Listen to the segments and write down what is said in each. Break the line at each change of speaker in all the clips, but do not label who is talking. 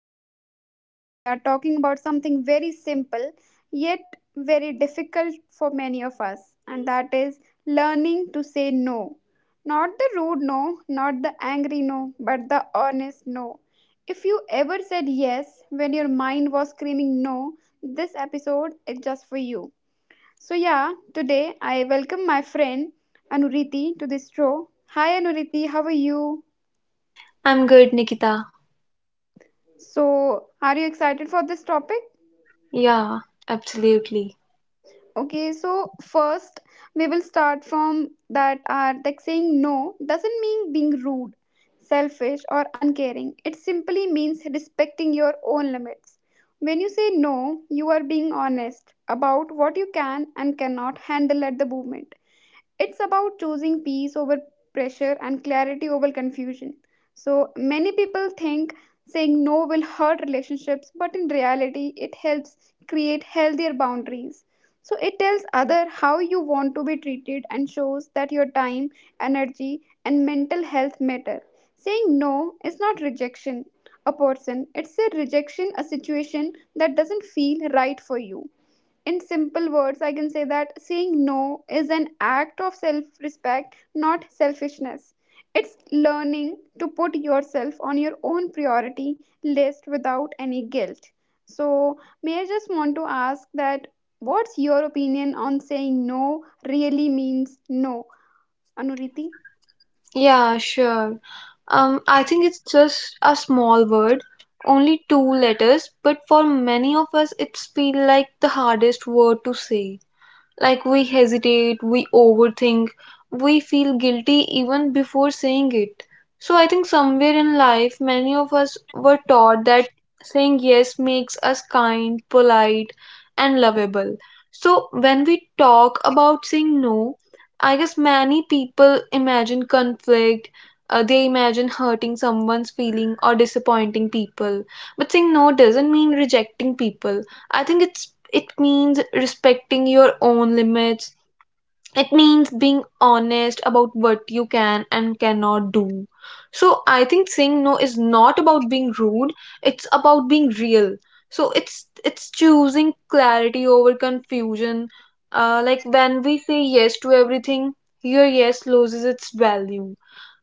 podcast. And today we are talking about something very simple yet very difficult for many of us, and that is learning to say no. Not the rude no, not the angry no, but the honest no. If you ever said yes when your mind was screaming no, this episode is just for you. So, yeah, today I welcome my friend Anuriti to this show. Hi, Anuriti, how are you?
I'm good, Nikita.
So, are you excited for this topic?
Yeah, absolutely.
Okay, so first we will start from that are like saying no doesn't mean being rude, selfish, or uncaring. It simply means respecting your own limits. When you say no, you are being honest about what you can and cannot handle at the moment. It's about choosing peace over pressure and clarity over confusion. So many people think saying no will hurt relationships, but in reality, it helps create healthier boundaries. So it tells other how you want to be treated and shows that your time, energy, and mental health matter. Saying no is not rejection a person, it's a rejection, a situation that doesn't feel right for you. In simple words, I can say that saying no is an act of self respect, not selfishness. It's learning to put yourself on your own priority list without any guilt. So, may I just want to ask that what's your opinion on saying no really means no? Anuriti?
Yeah, sure. I think it's just a small word, only two letters, but for many of us, it's feel like the hardest word to say. Like we hesitate, we overthink, we feel guilty even before saying it. So I think somewhere in life, many of us were taught that saying yes makes us kind, polite, and lovable. So when we talk about saying no, I guess many people imagine conflict. They imagine hurting someone's feeling or disappointing people. But saying no doesn't mean rejecting people. I think it means respecting your own limits. It means being honest about what you can and cannot do. So I think saying no is not about being rude, it's about being real. So it's choosing clarity over confusion. Like when we say yes to everything, your yes loses its value.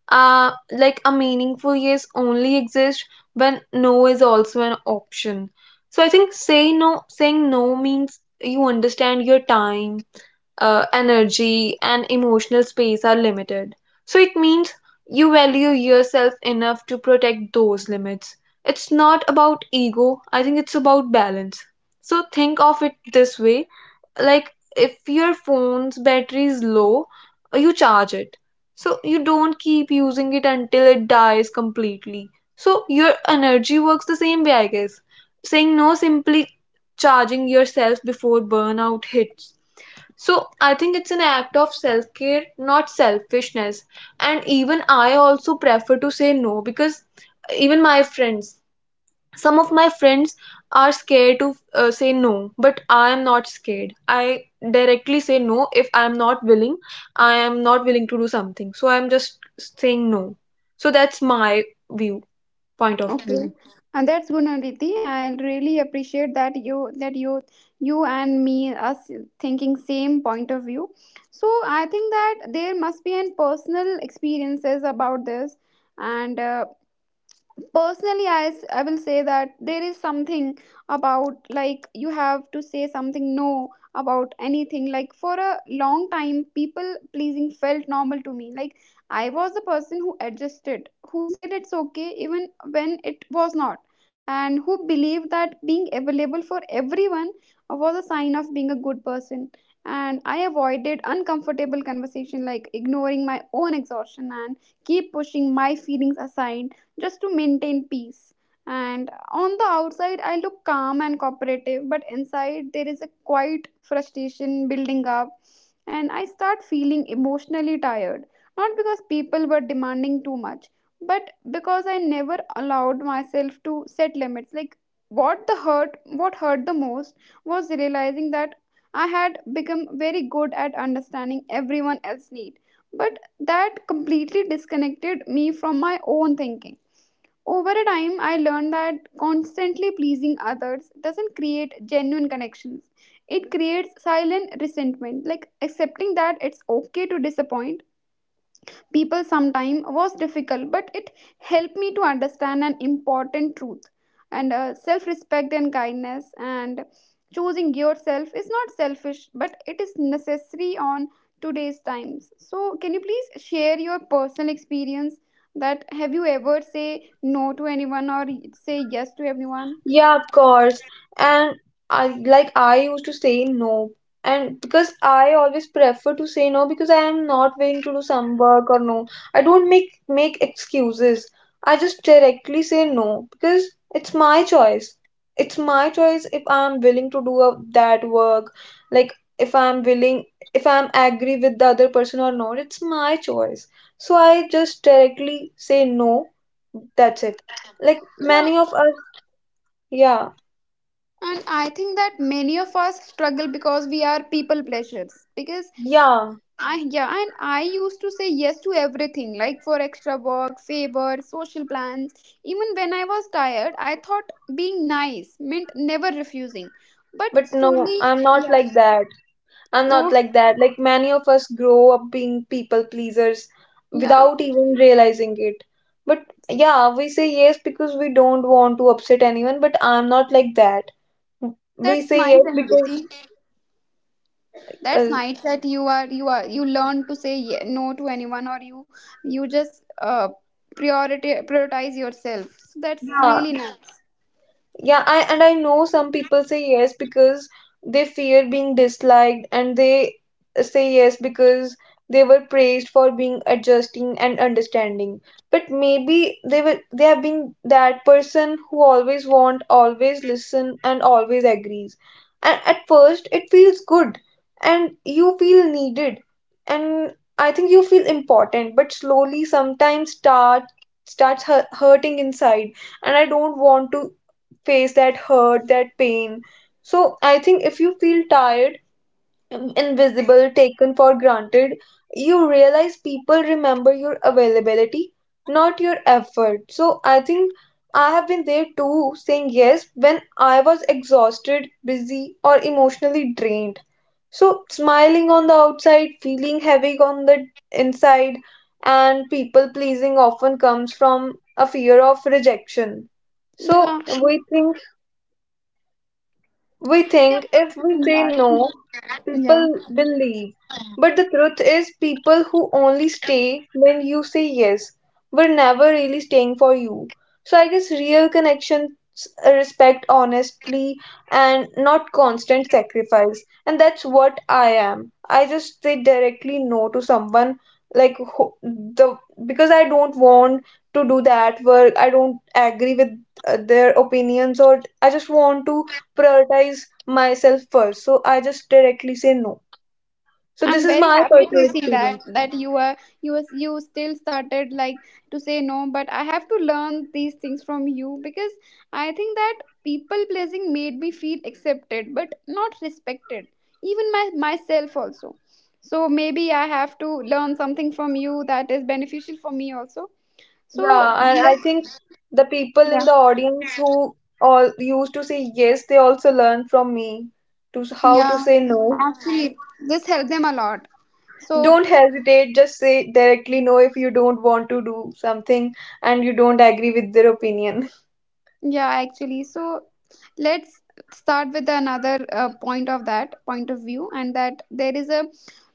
Like a meaningful yes only exists when no is also an option. So I think saying no means you understand your time, energy, and emotional space are limited. So it means you value yourself enough to protect those limits. It's not about ego, I think it's about balance. So think of it this way, like if your phone's battery is low, you charge it. So you don't keep using it until it dies completely. So your energy works the same way, I guess. Saying no simply charging yourself before burnout hits. So I think it's an act of self care, not selfishness. And even I also prefer to say no because even my friends, some of my friends are scared to say no, but I am not scared. I directly say no. If I am not willing to do something, so I'm just saying no. So that's my view point of
Okay,
view.
and that's good, Aditi. I really appreciate that you that you and me us thinking same point of view. So I think that there must be an personal experiences about this, and personally I will say that there is something about like you have to say something no about anything. Like for a long time, people pleasing felt normal to me. Like I was the person who adjusted, who said it's okay even when it was not, and who believed that being available for everyone was a sign of being a good person. And I avoided uncomfortable conversation, like ignoring my own exhaustion and keep pushing my feelings aside just to maintain peace. And on the outside, I look calm and cooperative, but inside, there is a quiet frustration building up, and I start feeling emotionally tired. Not because people were demanding too much, but because I never allowed myself to set limits. Like, what hurt the most was realizing that I had become very good at understanding everyone else's need, but that completely disconnected me from my own thinking. Over a time, I learned that constantly pleasing others doesn't create genuine connections. It creates silent resentment, like accepting that it's okay to disappoint people sometime was difficult, but it helped me to understand an important truth. And self respect and kindness and choosing yourself is not selfish, but it is necessary on today's times. So can you please share your personal experience that have you ever say no to anyone or say yes to everyone?
Yeah, of course. And I used to say no. And because I always prefer to say no because I am not willing to do some work or no. I don't make excuses. I just directly say no because it's my choice. It's my choice if I'm willing to do a, that work. Like if I'm willing, if I'm agree with the other person or not, it's my choice. So I just directly say no. That's it. Like many
Yeah,
of us, yeah.
and I think that many of us struggle because we are people pleasures because
Yeah,
I yeah, and I used to say yes to everything, like for extra work, favor, social plans. Even when I was tired, I thought being nice meant never refusing. But
but no,
slowly.
I'm not
Yeah,
like that. I'm not
oh
like that. Like many of us grow up being people pleasers
yeah,
without even realizing it. But yeah, we say yes because we don't want to upset anyone, but I'm not like that. We
that's
say
nice
yes
and
because
that's
uh,
nice that you are you learn to say no to anyone, or you just priority prioritize yourself. So that's
yeah,
really nice.
yeah, I and I know some people say yes because they fear being disliked and they say yes because they were praised for being adjusting and understanding. But maybe they have been that person who always want, always listen and always agrees. And at first it feels good and you feel needed and I think you feel important, but slowly sometimes hurting inside and I don't want to face that hurt, that pain. So I think if you feel tired, invisible, taken for granted, you realize people remember your availability, not your effort. So I think I have been there too, saying yes when I was exhausted, busy, or emotionally drained. So smiling on the outside, feeling heavy on the inside, and people pleasing often comes from a fear of rejection. So
Yeah,
we think if we say no,
yeah.
people will leave. But the truth is, people who only stay when you say yes were never really staying for you. So I guess real connections respect honestly and not constant sacrifice. And that's what I am. I just say directly no to someone like who, the because I don't want to do that work. I don't agree with their opinions, or I just want to prioritize myself first. So I just directly say no. So this
I'm
is
very
my
happy
personal
to see that
experience.
that you are you was you still started like to say no, but I have to learn these things from you because I think that people pleasing made me feel accepted but not respected, even my myself also. So maybe I have to learn something from you that is beneficial for me also. So
Yeah, and I think
let's,
the people
yeah,
in the audience who all used to say yes, they also learn from me to how to
yeah,
say no.
actually this helped them a lot. So
Don't hesitate, just say directly no if you don't want to do something and you don't agree with their opinion.
Yeah, actually. So let's start with another point of that point of view, and that there is a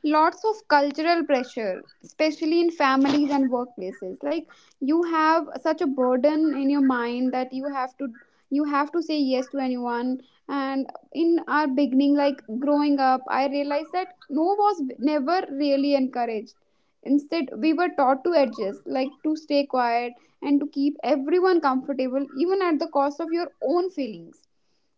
lots of cultural pressure, especially in families and workplaces. Like you have such a burden in your mind that you have to say yes to anyone. And in our beginning, like growing up, I realized that no was never really encouraged. Instead, we were taught to adjust, like to stay quiet and to keep everyone comfortable, even at the cost of your own feelings.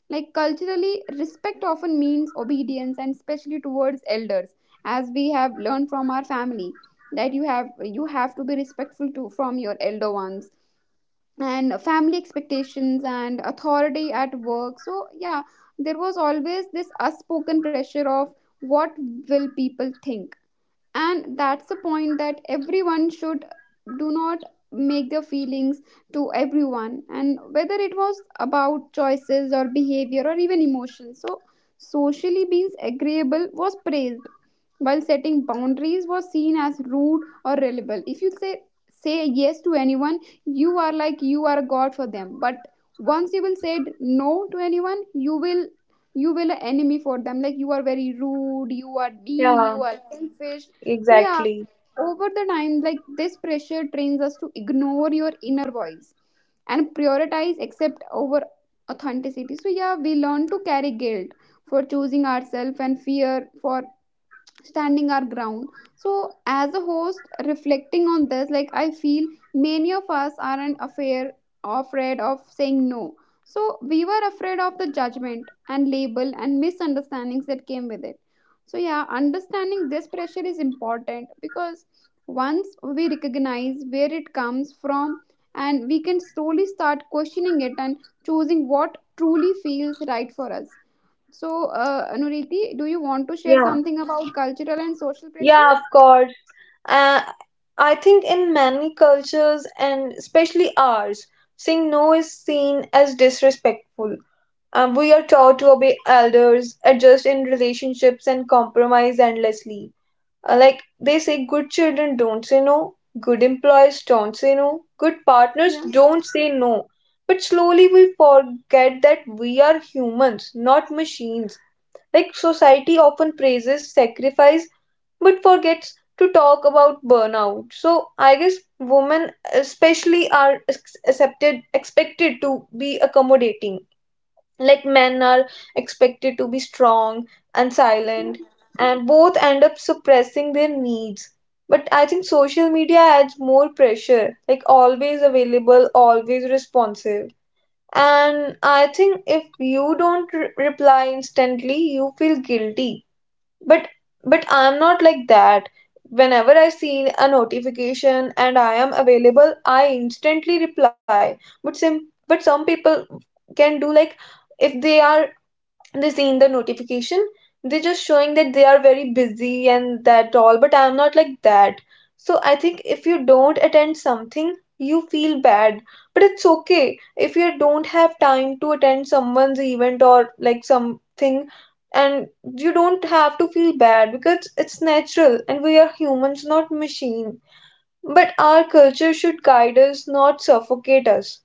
Like culturally, respect often means obedience, and especially towards elders, as we have learned from our family that you have to be respectful to from your elder ones and family expectations and authority at work. So, yeah, there was always this unspoken pressure of what will people think. And that's the point that everyone should do not make their feelings to everyone, and whether it was about choices or behavior or even emotions. So socially being agreeable was praised, while setting boundaries was seen as rude or rebel. If you say yes to anyone, you are like you are a god for them. But once you will say no to anyone, you will an enemy for them. Like you are very rude, you are mean,
Yeah,
you are selfish. So, yeah,
exactly.
over the time, like this pressure trains us to ignore your inner voice and prioritize accept over authenticity. So, yeah, we learn to carry guilt for choosing ourselves and fear for standing our ground. So as a host reflecting on this, like I feel many of us aren't afraid of saying no. So we were afraid of the judgment and label and misunderstandings that came with it. So, yeah, understanding this pressure is important because once we recognize where it comes from, and we can slowly start questioning it and choosing what truly feels right for us. So, Anuriti, do you want to share
Yeah.
something about cultural and social
Yeah,
pressure?
of course. Uh, I think in many cultures and especially ours, saying no is seen as disrespectful. We are taught to obey elders, adjust in relationships, and compromise endlessly. Like they say, good children don't say no, good employees don't say no, good partners
Yeah.
don't say no. But slowly we forget that we are humans, not machines. Like society often praises sacrifice but forgets to talk about burnout. So I guess women especially are ex- accepted expected to be accommodating. Like men are expected to be strong and silent and both end up suppressing their needs. But I think social media adds more pressure, like always available, always responsive. And I think if you don't re- reply instantly, you feel guilty, but but I'm not like that. Whenever I see a notification and I am available, I instantly reply. but some but some people can do like, if they are, they seen the notification, they're just showing that they are very busy and that all, but I'm not like that. So I think if you don't attend something, you feel bad, but it's okay if you don't have time to attend someone's event or like something, and you don't have to feel bad because it's natural and we are humans not machine. But our culture should guide us, not suffocate us.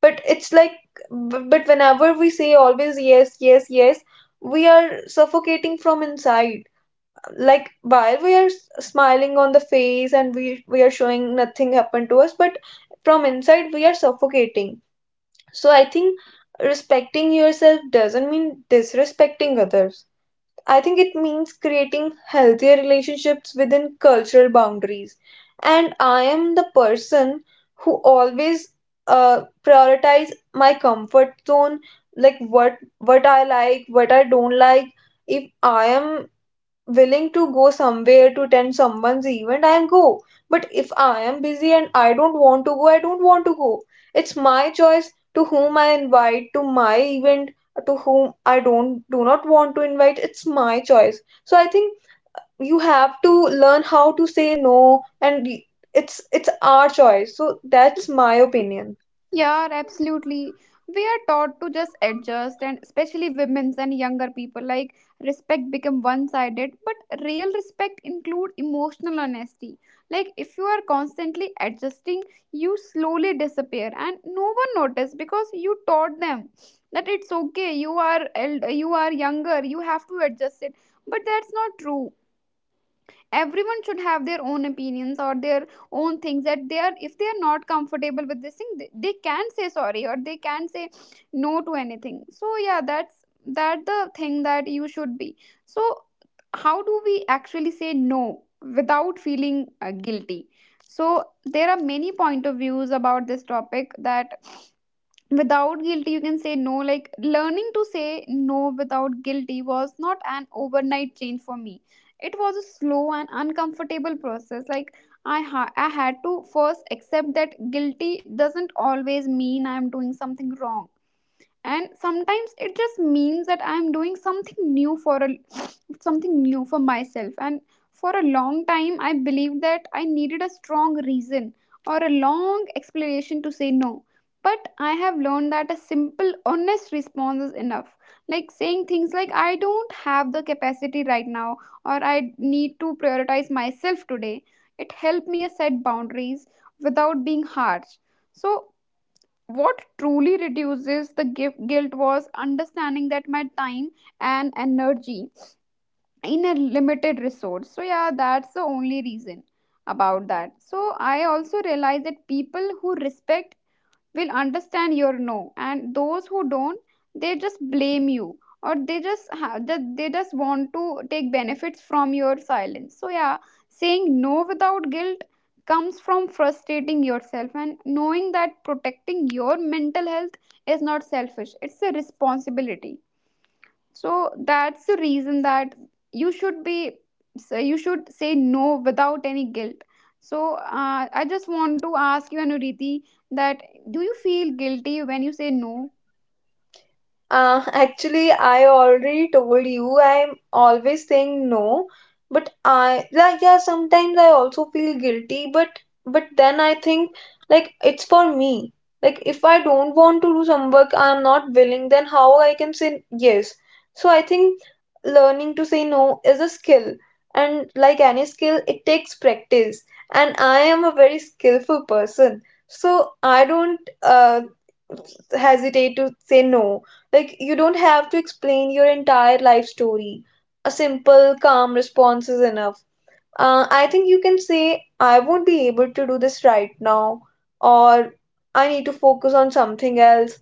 But it's like bu- But whenever we say always yes yes yes, we are suffocating from inside. Like while we are smiling on the face and we are showing nothing happened to us, but from inside we are suffocating. So I think respecting yourself doesn't mean disrespecting others. I think it means creating healthier relationships within cultural boundaries. And I am the person who always prioritize my comfort zone, like what I like, what I don't like. If I am willing to go somewhere to attend someone's event, I'll go. But if I am busy and I don't want to go, I don't want to go. It's my choice to whom I invite to my event, to whom I don't do not want to invite. It's my choice. So I think you have to learn how to say no, and it's our choice. So that's my opinion.
Yeah, absolutely. We are taught to just adjust, and especially women's and younger people, like respect become one-sided. But real respect include emotional honesty. Like if you are constantly adjusting, you slowly disappear, and no one notice because you taught them that it's okay. You are you are younger. You have to adjust it. But that's not true. Everyone should have their own opinions or their own things that they are, if they are not comfortable with this thing, they can say sorry or they can say no to anything. So, yeah, that's that the thing that you should be. So how do we actually say no without feeling guilty? So there are many point of views about this topic that without guilty you can say no. Like learning to say no without guilty was not an overnight change for me. It was a slow and uncomfortable process. Like I had to first accept that guilty doesn't always mean I'm doing something wrong, and sometimes it just means that I'm doing something new for a something new for myself. And for a long time I believed that I needed a strong reason or a long explanation to say no, but I have learned that a simple honest response is enough. Like saying things like I don't have the capacity right now, or I need to prioritize myself today, it helped me set boundaries without being harsh. So what truly reduces the gift guilt was understanding that my time and energy in a limited resource. So, yeah, that's the only reason about that. So I also realized that people who respect will understand your no, and those who don't, they just blame you, or they just want to take benefits from your silence. So, yeah, saying no without guilt comes from frustrating yourself and knowing that protecting your mental health is not selfish, it's a responsibility. So that's the reason that you should be. So you should say no without any guilt. So, I just want to ask you, Anuriti, that do you feel guilty when you say no?
Actually, I already told you I'm always saying no, but I like, yeah, sometimes I also feel guilty, but then I think like it's for me. Like if I don't want to do some work, I'm not willing, then how I can say yes? So I think learning to say no is a skill, and like any skill, it takes practice. And I am a very skillful person, so I don't hesitate to say no. Like, you don't have to explain your entire life story. A simple, calm response is enough. I think you can say, I won't be able to do this right now, or I need to focus on something else.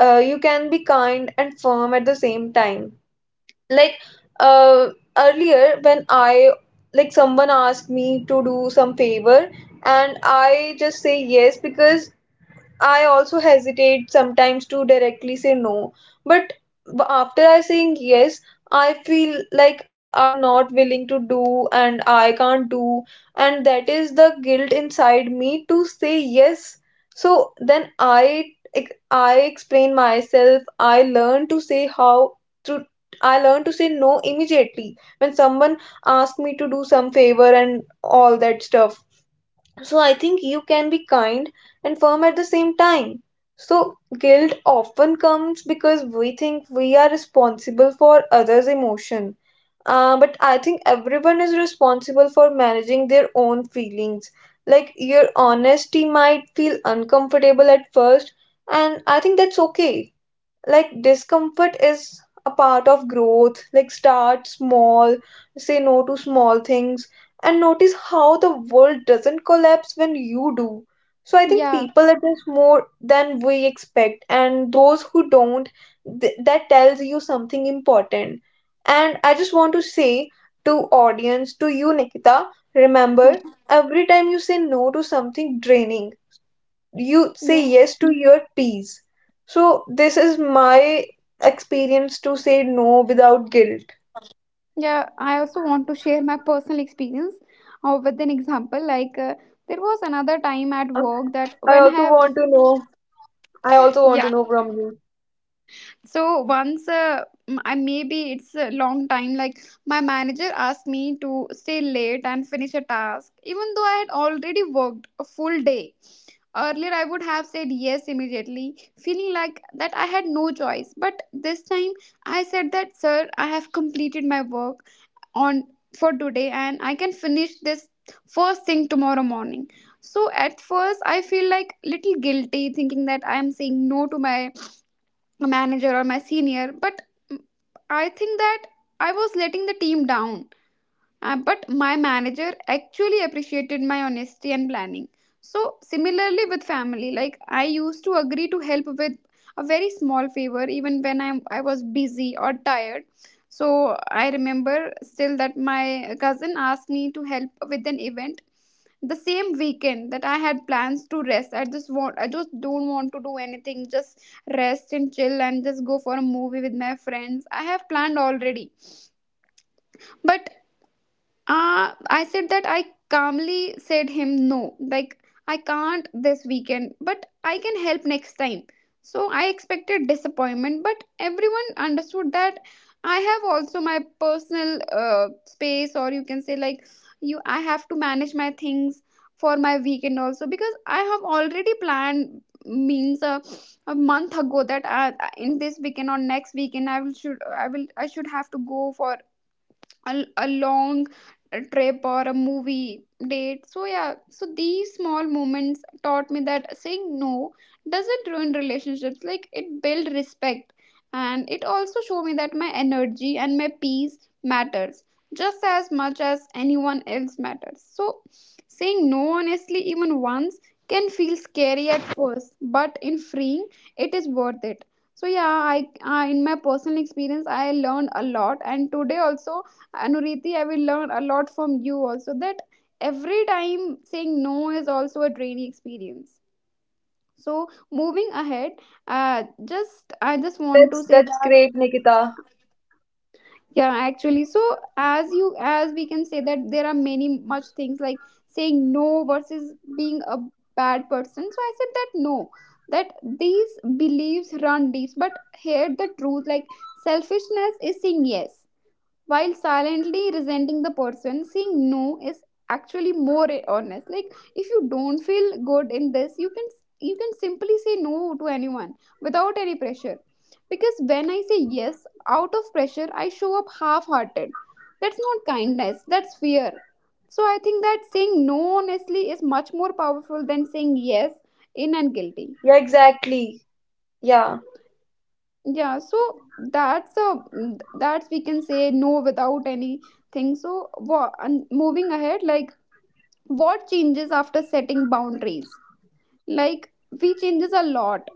You can be kind and firm at the same time. Like, uh, earlier, when I, like, someone asked me to do some favor, and I just say yes because I also hesitate sometimes to directly say no, but after I saying yes, I feel like I am not willing to do and I can't do, and that is the guilt inside me to say yes. So then I explain myself. To I learn to say no immediately when someone asks me to do some favor and all that stuff. So I think you can be kind and firm at the same time. So guilt often comes because we think we are responsible for others' emotion. But I think everyone is responsible for managing their own feelings. Like your honesty might feel uncomfortable at first, and I think that's okay. Like discomfort is a part of growth. Like start small, say no to small things, and notice how the world doesn't collapse when you do. So I think
Yeah,
people adjust more than we expect, and those who don't, that tells you something important. And I just want to say to audience, to you, Nikita, remember
yeah,
every time you say no to something draining, you say
yeah,
yes to your peace. So this is my experience to say no without guilt.
yeah. I also want to share my personal experience with an example, like there was another time at
Yeah,
work that
I
when I
also
have.
want to know. I also want to
Yeah,
know from you.
so once I, maybe it's a long time, like my manager asked me to stay late and finish a task even though I had already worked a full day. Earlier I would have said yes immediately, feeling like that I had no choice, but this time I said that, sir, I have completed my work on for today, and I can finish this first thing tomorrow morning. So at first I feel like little guilty, thinking that I am saying no to my a manager or my senior, but mm, I think that I was letting the team down. But my manager actually appreciated my honesty and planning. So, similarly with family, like I used to agree to help with a very small favor even when I was busy or tired. So, I remember still that my cousin asked me to help with an event the same weekend that I had plans to rest. I just want I just don't want to do anything. Just rest and chill and just go for a movie with my friends. I have planned already. But I said that I calmly said him no, like I can't this weekend, but I can help next time. So I expected disappointment, but everyone understood that I have also my personal space, or you can say like you, I have to manage my things for my weekend also because I have already planned means a month ago that in this weekend or next weekend I will should I will I should have to go for a long trip or a movie date. So yeah, so these small moments taught me that saying no doesn't ruin relationships, like it build respect, and it also showed me that my energy and my peace matters just as much as anyone else matters. So saying no honestly even once can feel scary at first, but in freeing it is worth it. So yeah, I in my personal experience I learned a lot, and today also Anuriti, I will learn a lot from you also that every time saying no is also a draining experience. So moving ahead, just I just want to say
That's
that
great, Nikita.
yeah, actually, so as we can say that there are many much things like saying no versus being a bad person. So I said that no, that these beliefs run deep, but here the truth like selfishness is saying yes while silently resenting the person saying no is actually more honest. Like if you don't feel good in this, you can simply say no to anyone without any pressure, because when I say yes out of pressure I show up half hearted. That's not kindness, that's fear. So I think that saying no honestly is much more powerful than saying yes in and guilty.
Yeah, exactly. Yeah.
Yeah, so that's a that's we can say no without anything. So and moving ahead, like what changes after setting boundaries, like we changes a lot.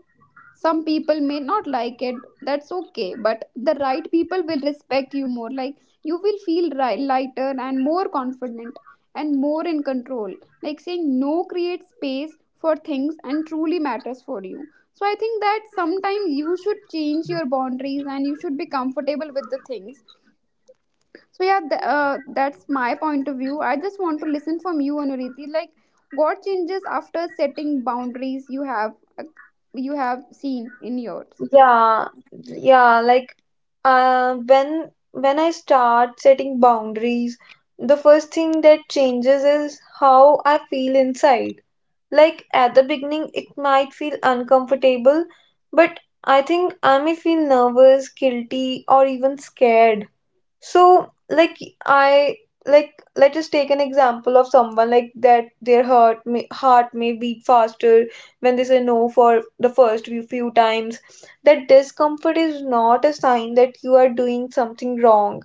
Some people may not like it, that's okay, but the right people will respect you more. Like you will feel ri lighter and more confident and more in control. Like saying no creates space for things and truly matters for you. So I think that sometimes you should change your boundaries and you should be comfortable with the things. So yeah, that's my point of view. I just want to listen from you, Anuriti, like what changes after setting boundaries uh, you have seen in yours.
Yeah. Yeah, like when I start setting boundaries, the first thing that changes is how I feel inside. Like at the beginning, it might feel uncomfortable, but I think I may feel nervous, guilty, or even scared. So, like, I like let us take an example of someone like that their heart may beat faster when they say no for the first few times. That discomfort is not a sign that you are doing something wrong.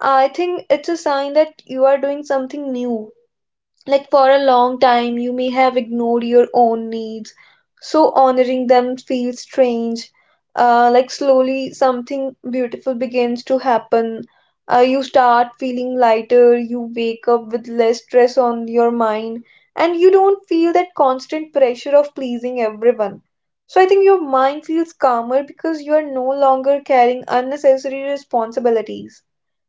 I think it's a sign that you are doing something new. Like for a long time, you may have ignored your own needs, so honoring them feels strange. Like slowly, something beautiful begins to happen. You start feeling lighter, you wake up with less stress on your mind, and you don't feel that constant pressure of pleasing everyone. So, I think your mind feels calmer because you are no longer carrying unnecessary responsibilities.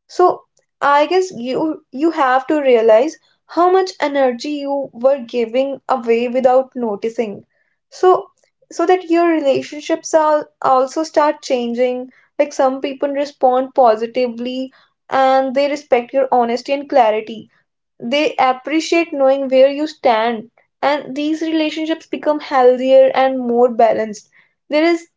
So I guess you have to realize how much energy you were giving away without noticing. So so that your relationships are also start changing. Like some people respond positively and they respect your honesty and clarity. They appreciate knowing where you stand, and these relationships become healthier and more balanced. There is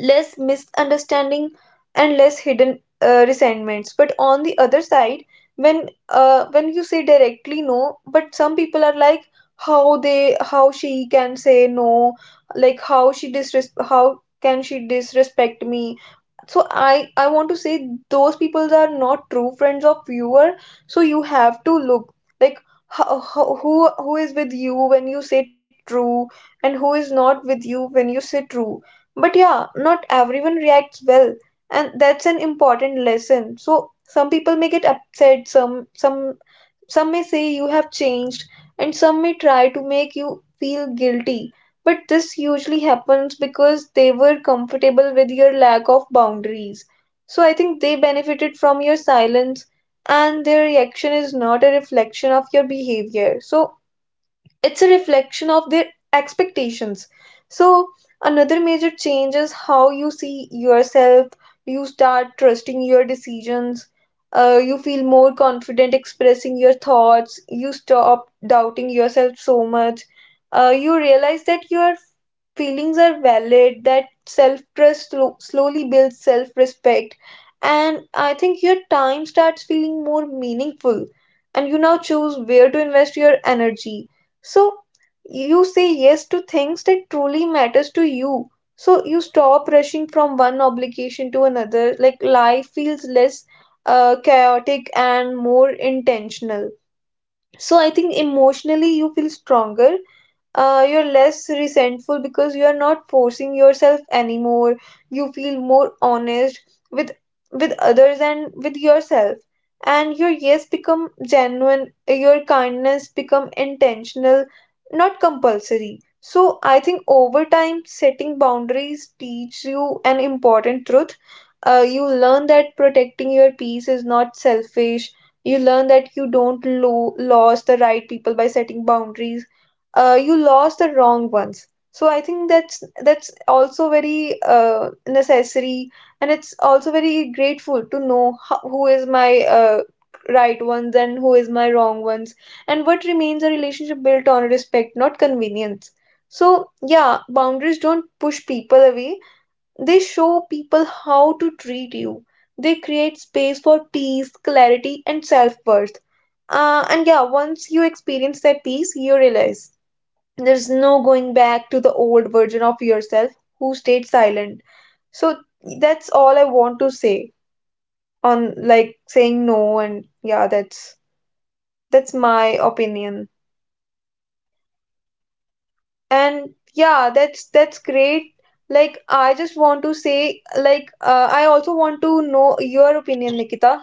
less misunderstanding and less hidden resentments. But on the other side, when you say directly no, but some people are like, how they how she can say no like how she disres how can she disrespect me? So I want to say those people are not true friends of viewer. So you have to look, like, ho- ho- who who is with you when you say true, and who is not with you when you say true. But yeah, not everyone reacts well, and that's an important lesson. So some people may get upset, some some may say you have changed, and some may try to make you feel guilty. But this usually happens because they were comfortable with your lack of boundaries. So I think they benefited from your silence, and their reaction is not a reflection of your behavior. So it's a reflection of their expectations. So, another major change is how you see yourself. You start trusting your decisions. You feel more confident expressing your thoughts. You stop doubting yourself so much. You realize that your feelings are valid, that self trust slowly builds self respect. And I think your time starts feeling more meaningful. And you now choose where to invest your energy, so you say yes to things that truly matters to you. So you stop rushing from one obligation to another. Like life feels less chaotic and more intentional. So I think emotionally you feel stronger. You're less resentful because you're not forcing yourself anymore. You feel more honest with with others and with yourself. And your yes become genuine, your kindness become intentional, not compulsory. So I think over time setting boundaries teach you an important truth. You learn that protecting your peace is not selfish. You learn that you don't lose the right people by setting boundaries. You lost the wrong ones. So I think that's also very necessary, and it's also very grateful to know how, who is my right ones and who is my wrong ones, and what remains a relationship built on respect, not convenience. So yeah, boundaries don't push people away, they show people how to treat you. They create space for peace, clarity, and self-worth. And yeah, once you experience that peace, you realize there's no going back to the old version of yourself who stayed silent. So that's all I want to say on, like, saying no. And yeah, that's my opinion. And yeah, that's great. Like I just want to say, like, I also want to know your opinion, Nikita.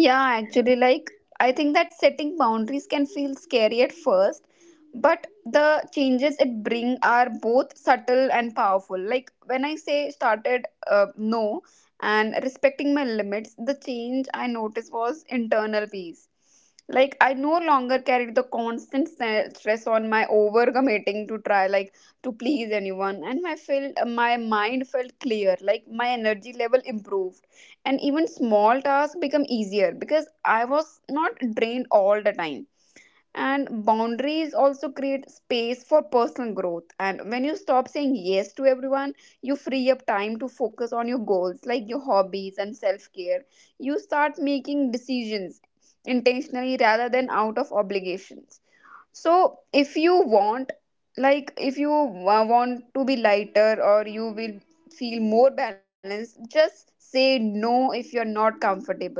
Yeah, actually, like I think that setting boundaries can feel scary at first, but the changes it bring are both subtle and powerful. Like when I say started no and respecting my limits, the change I noticed was internal peace. Like I no longer carried the constant stress on my overcommitting to try like to please anyone, and my mind felt clear. Like my energy level improved and even small tasks become easier because I was not drained all the time. And boundaries also create space for personal growth, and when you stop saying yes to everyone, you free up time to focus on your goals, like your hobbies and self care. You start making decisions intentionally rather than out of obligations. So, if you want, like, if you want to be lighter or you will feel more balanced, just say no if you're not comfortable.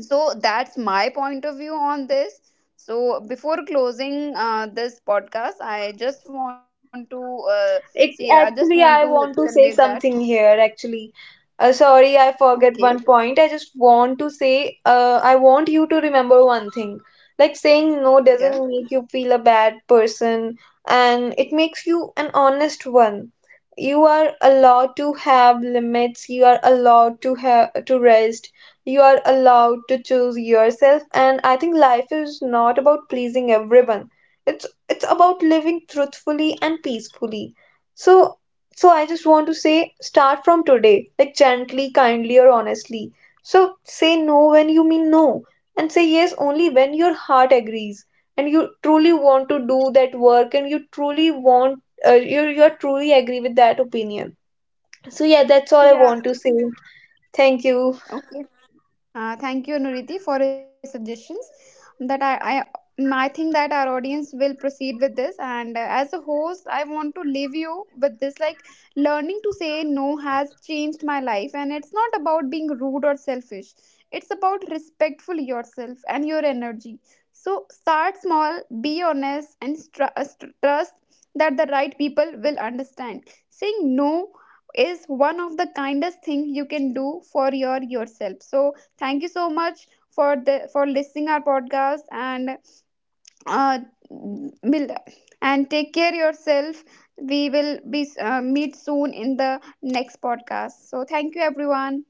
So, that's my point of view on this. So, before closing this podcast, I just want to I just
It
want to
actually, I
convey
want
that.
to say something here. Actually, sorry, I
Okay.
forget one point. I just want to say, I want you to remember one thing. Like saying no
Yeah.
doesn't make you feel a bad person, and it makes you an honest one. You are allowed to have limits. You are allowed to have to rest. You are allowed to choose yourself. And I think life is not about pleasing everyone. It's about living truthfully and peacefully. So, so I just want to say start from today, like gently, kindly, or honestly. So say no when you mean no, and say yes only when your heart agrees and you truly want to do that work, and you truly want, uh, you truly agree with that opinion. So yeah, that's all I
Yeah.
want to say. Thank you.
Okay. Thank you, Nuriti, for your suggestions. That I think that our audience will proceed with this. And as a host, I want to leave you with this: like learning to say no has changed my life, and it's not about being rude or selfish. It's about respectful yourself and your energy. So start small, be honest, and trust that the right people will understand. Saying no is one of the kindest thing you can do for your yourself. So thank you so much for the for listening our podcast and uh, will and take care yourself. We will be meet soon in the next podcast. So thank you everyone.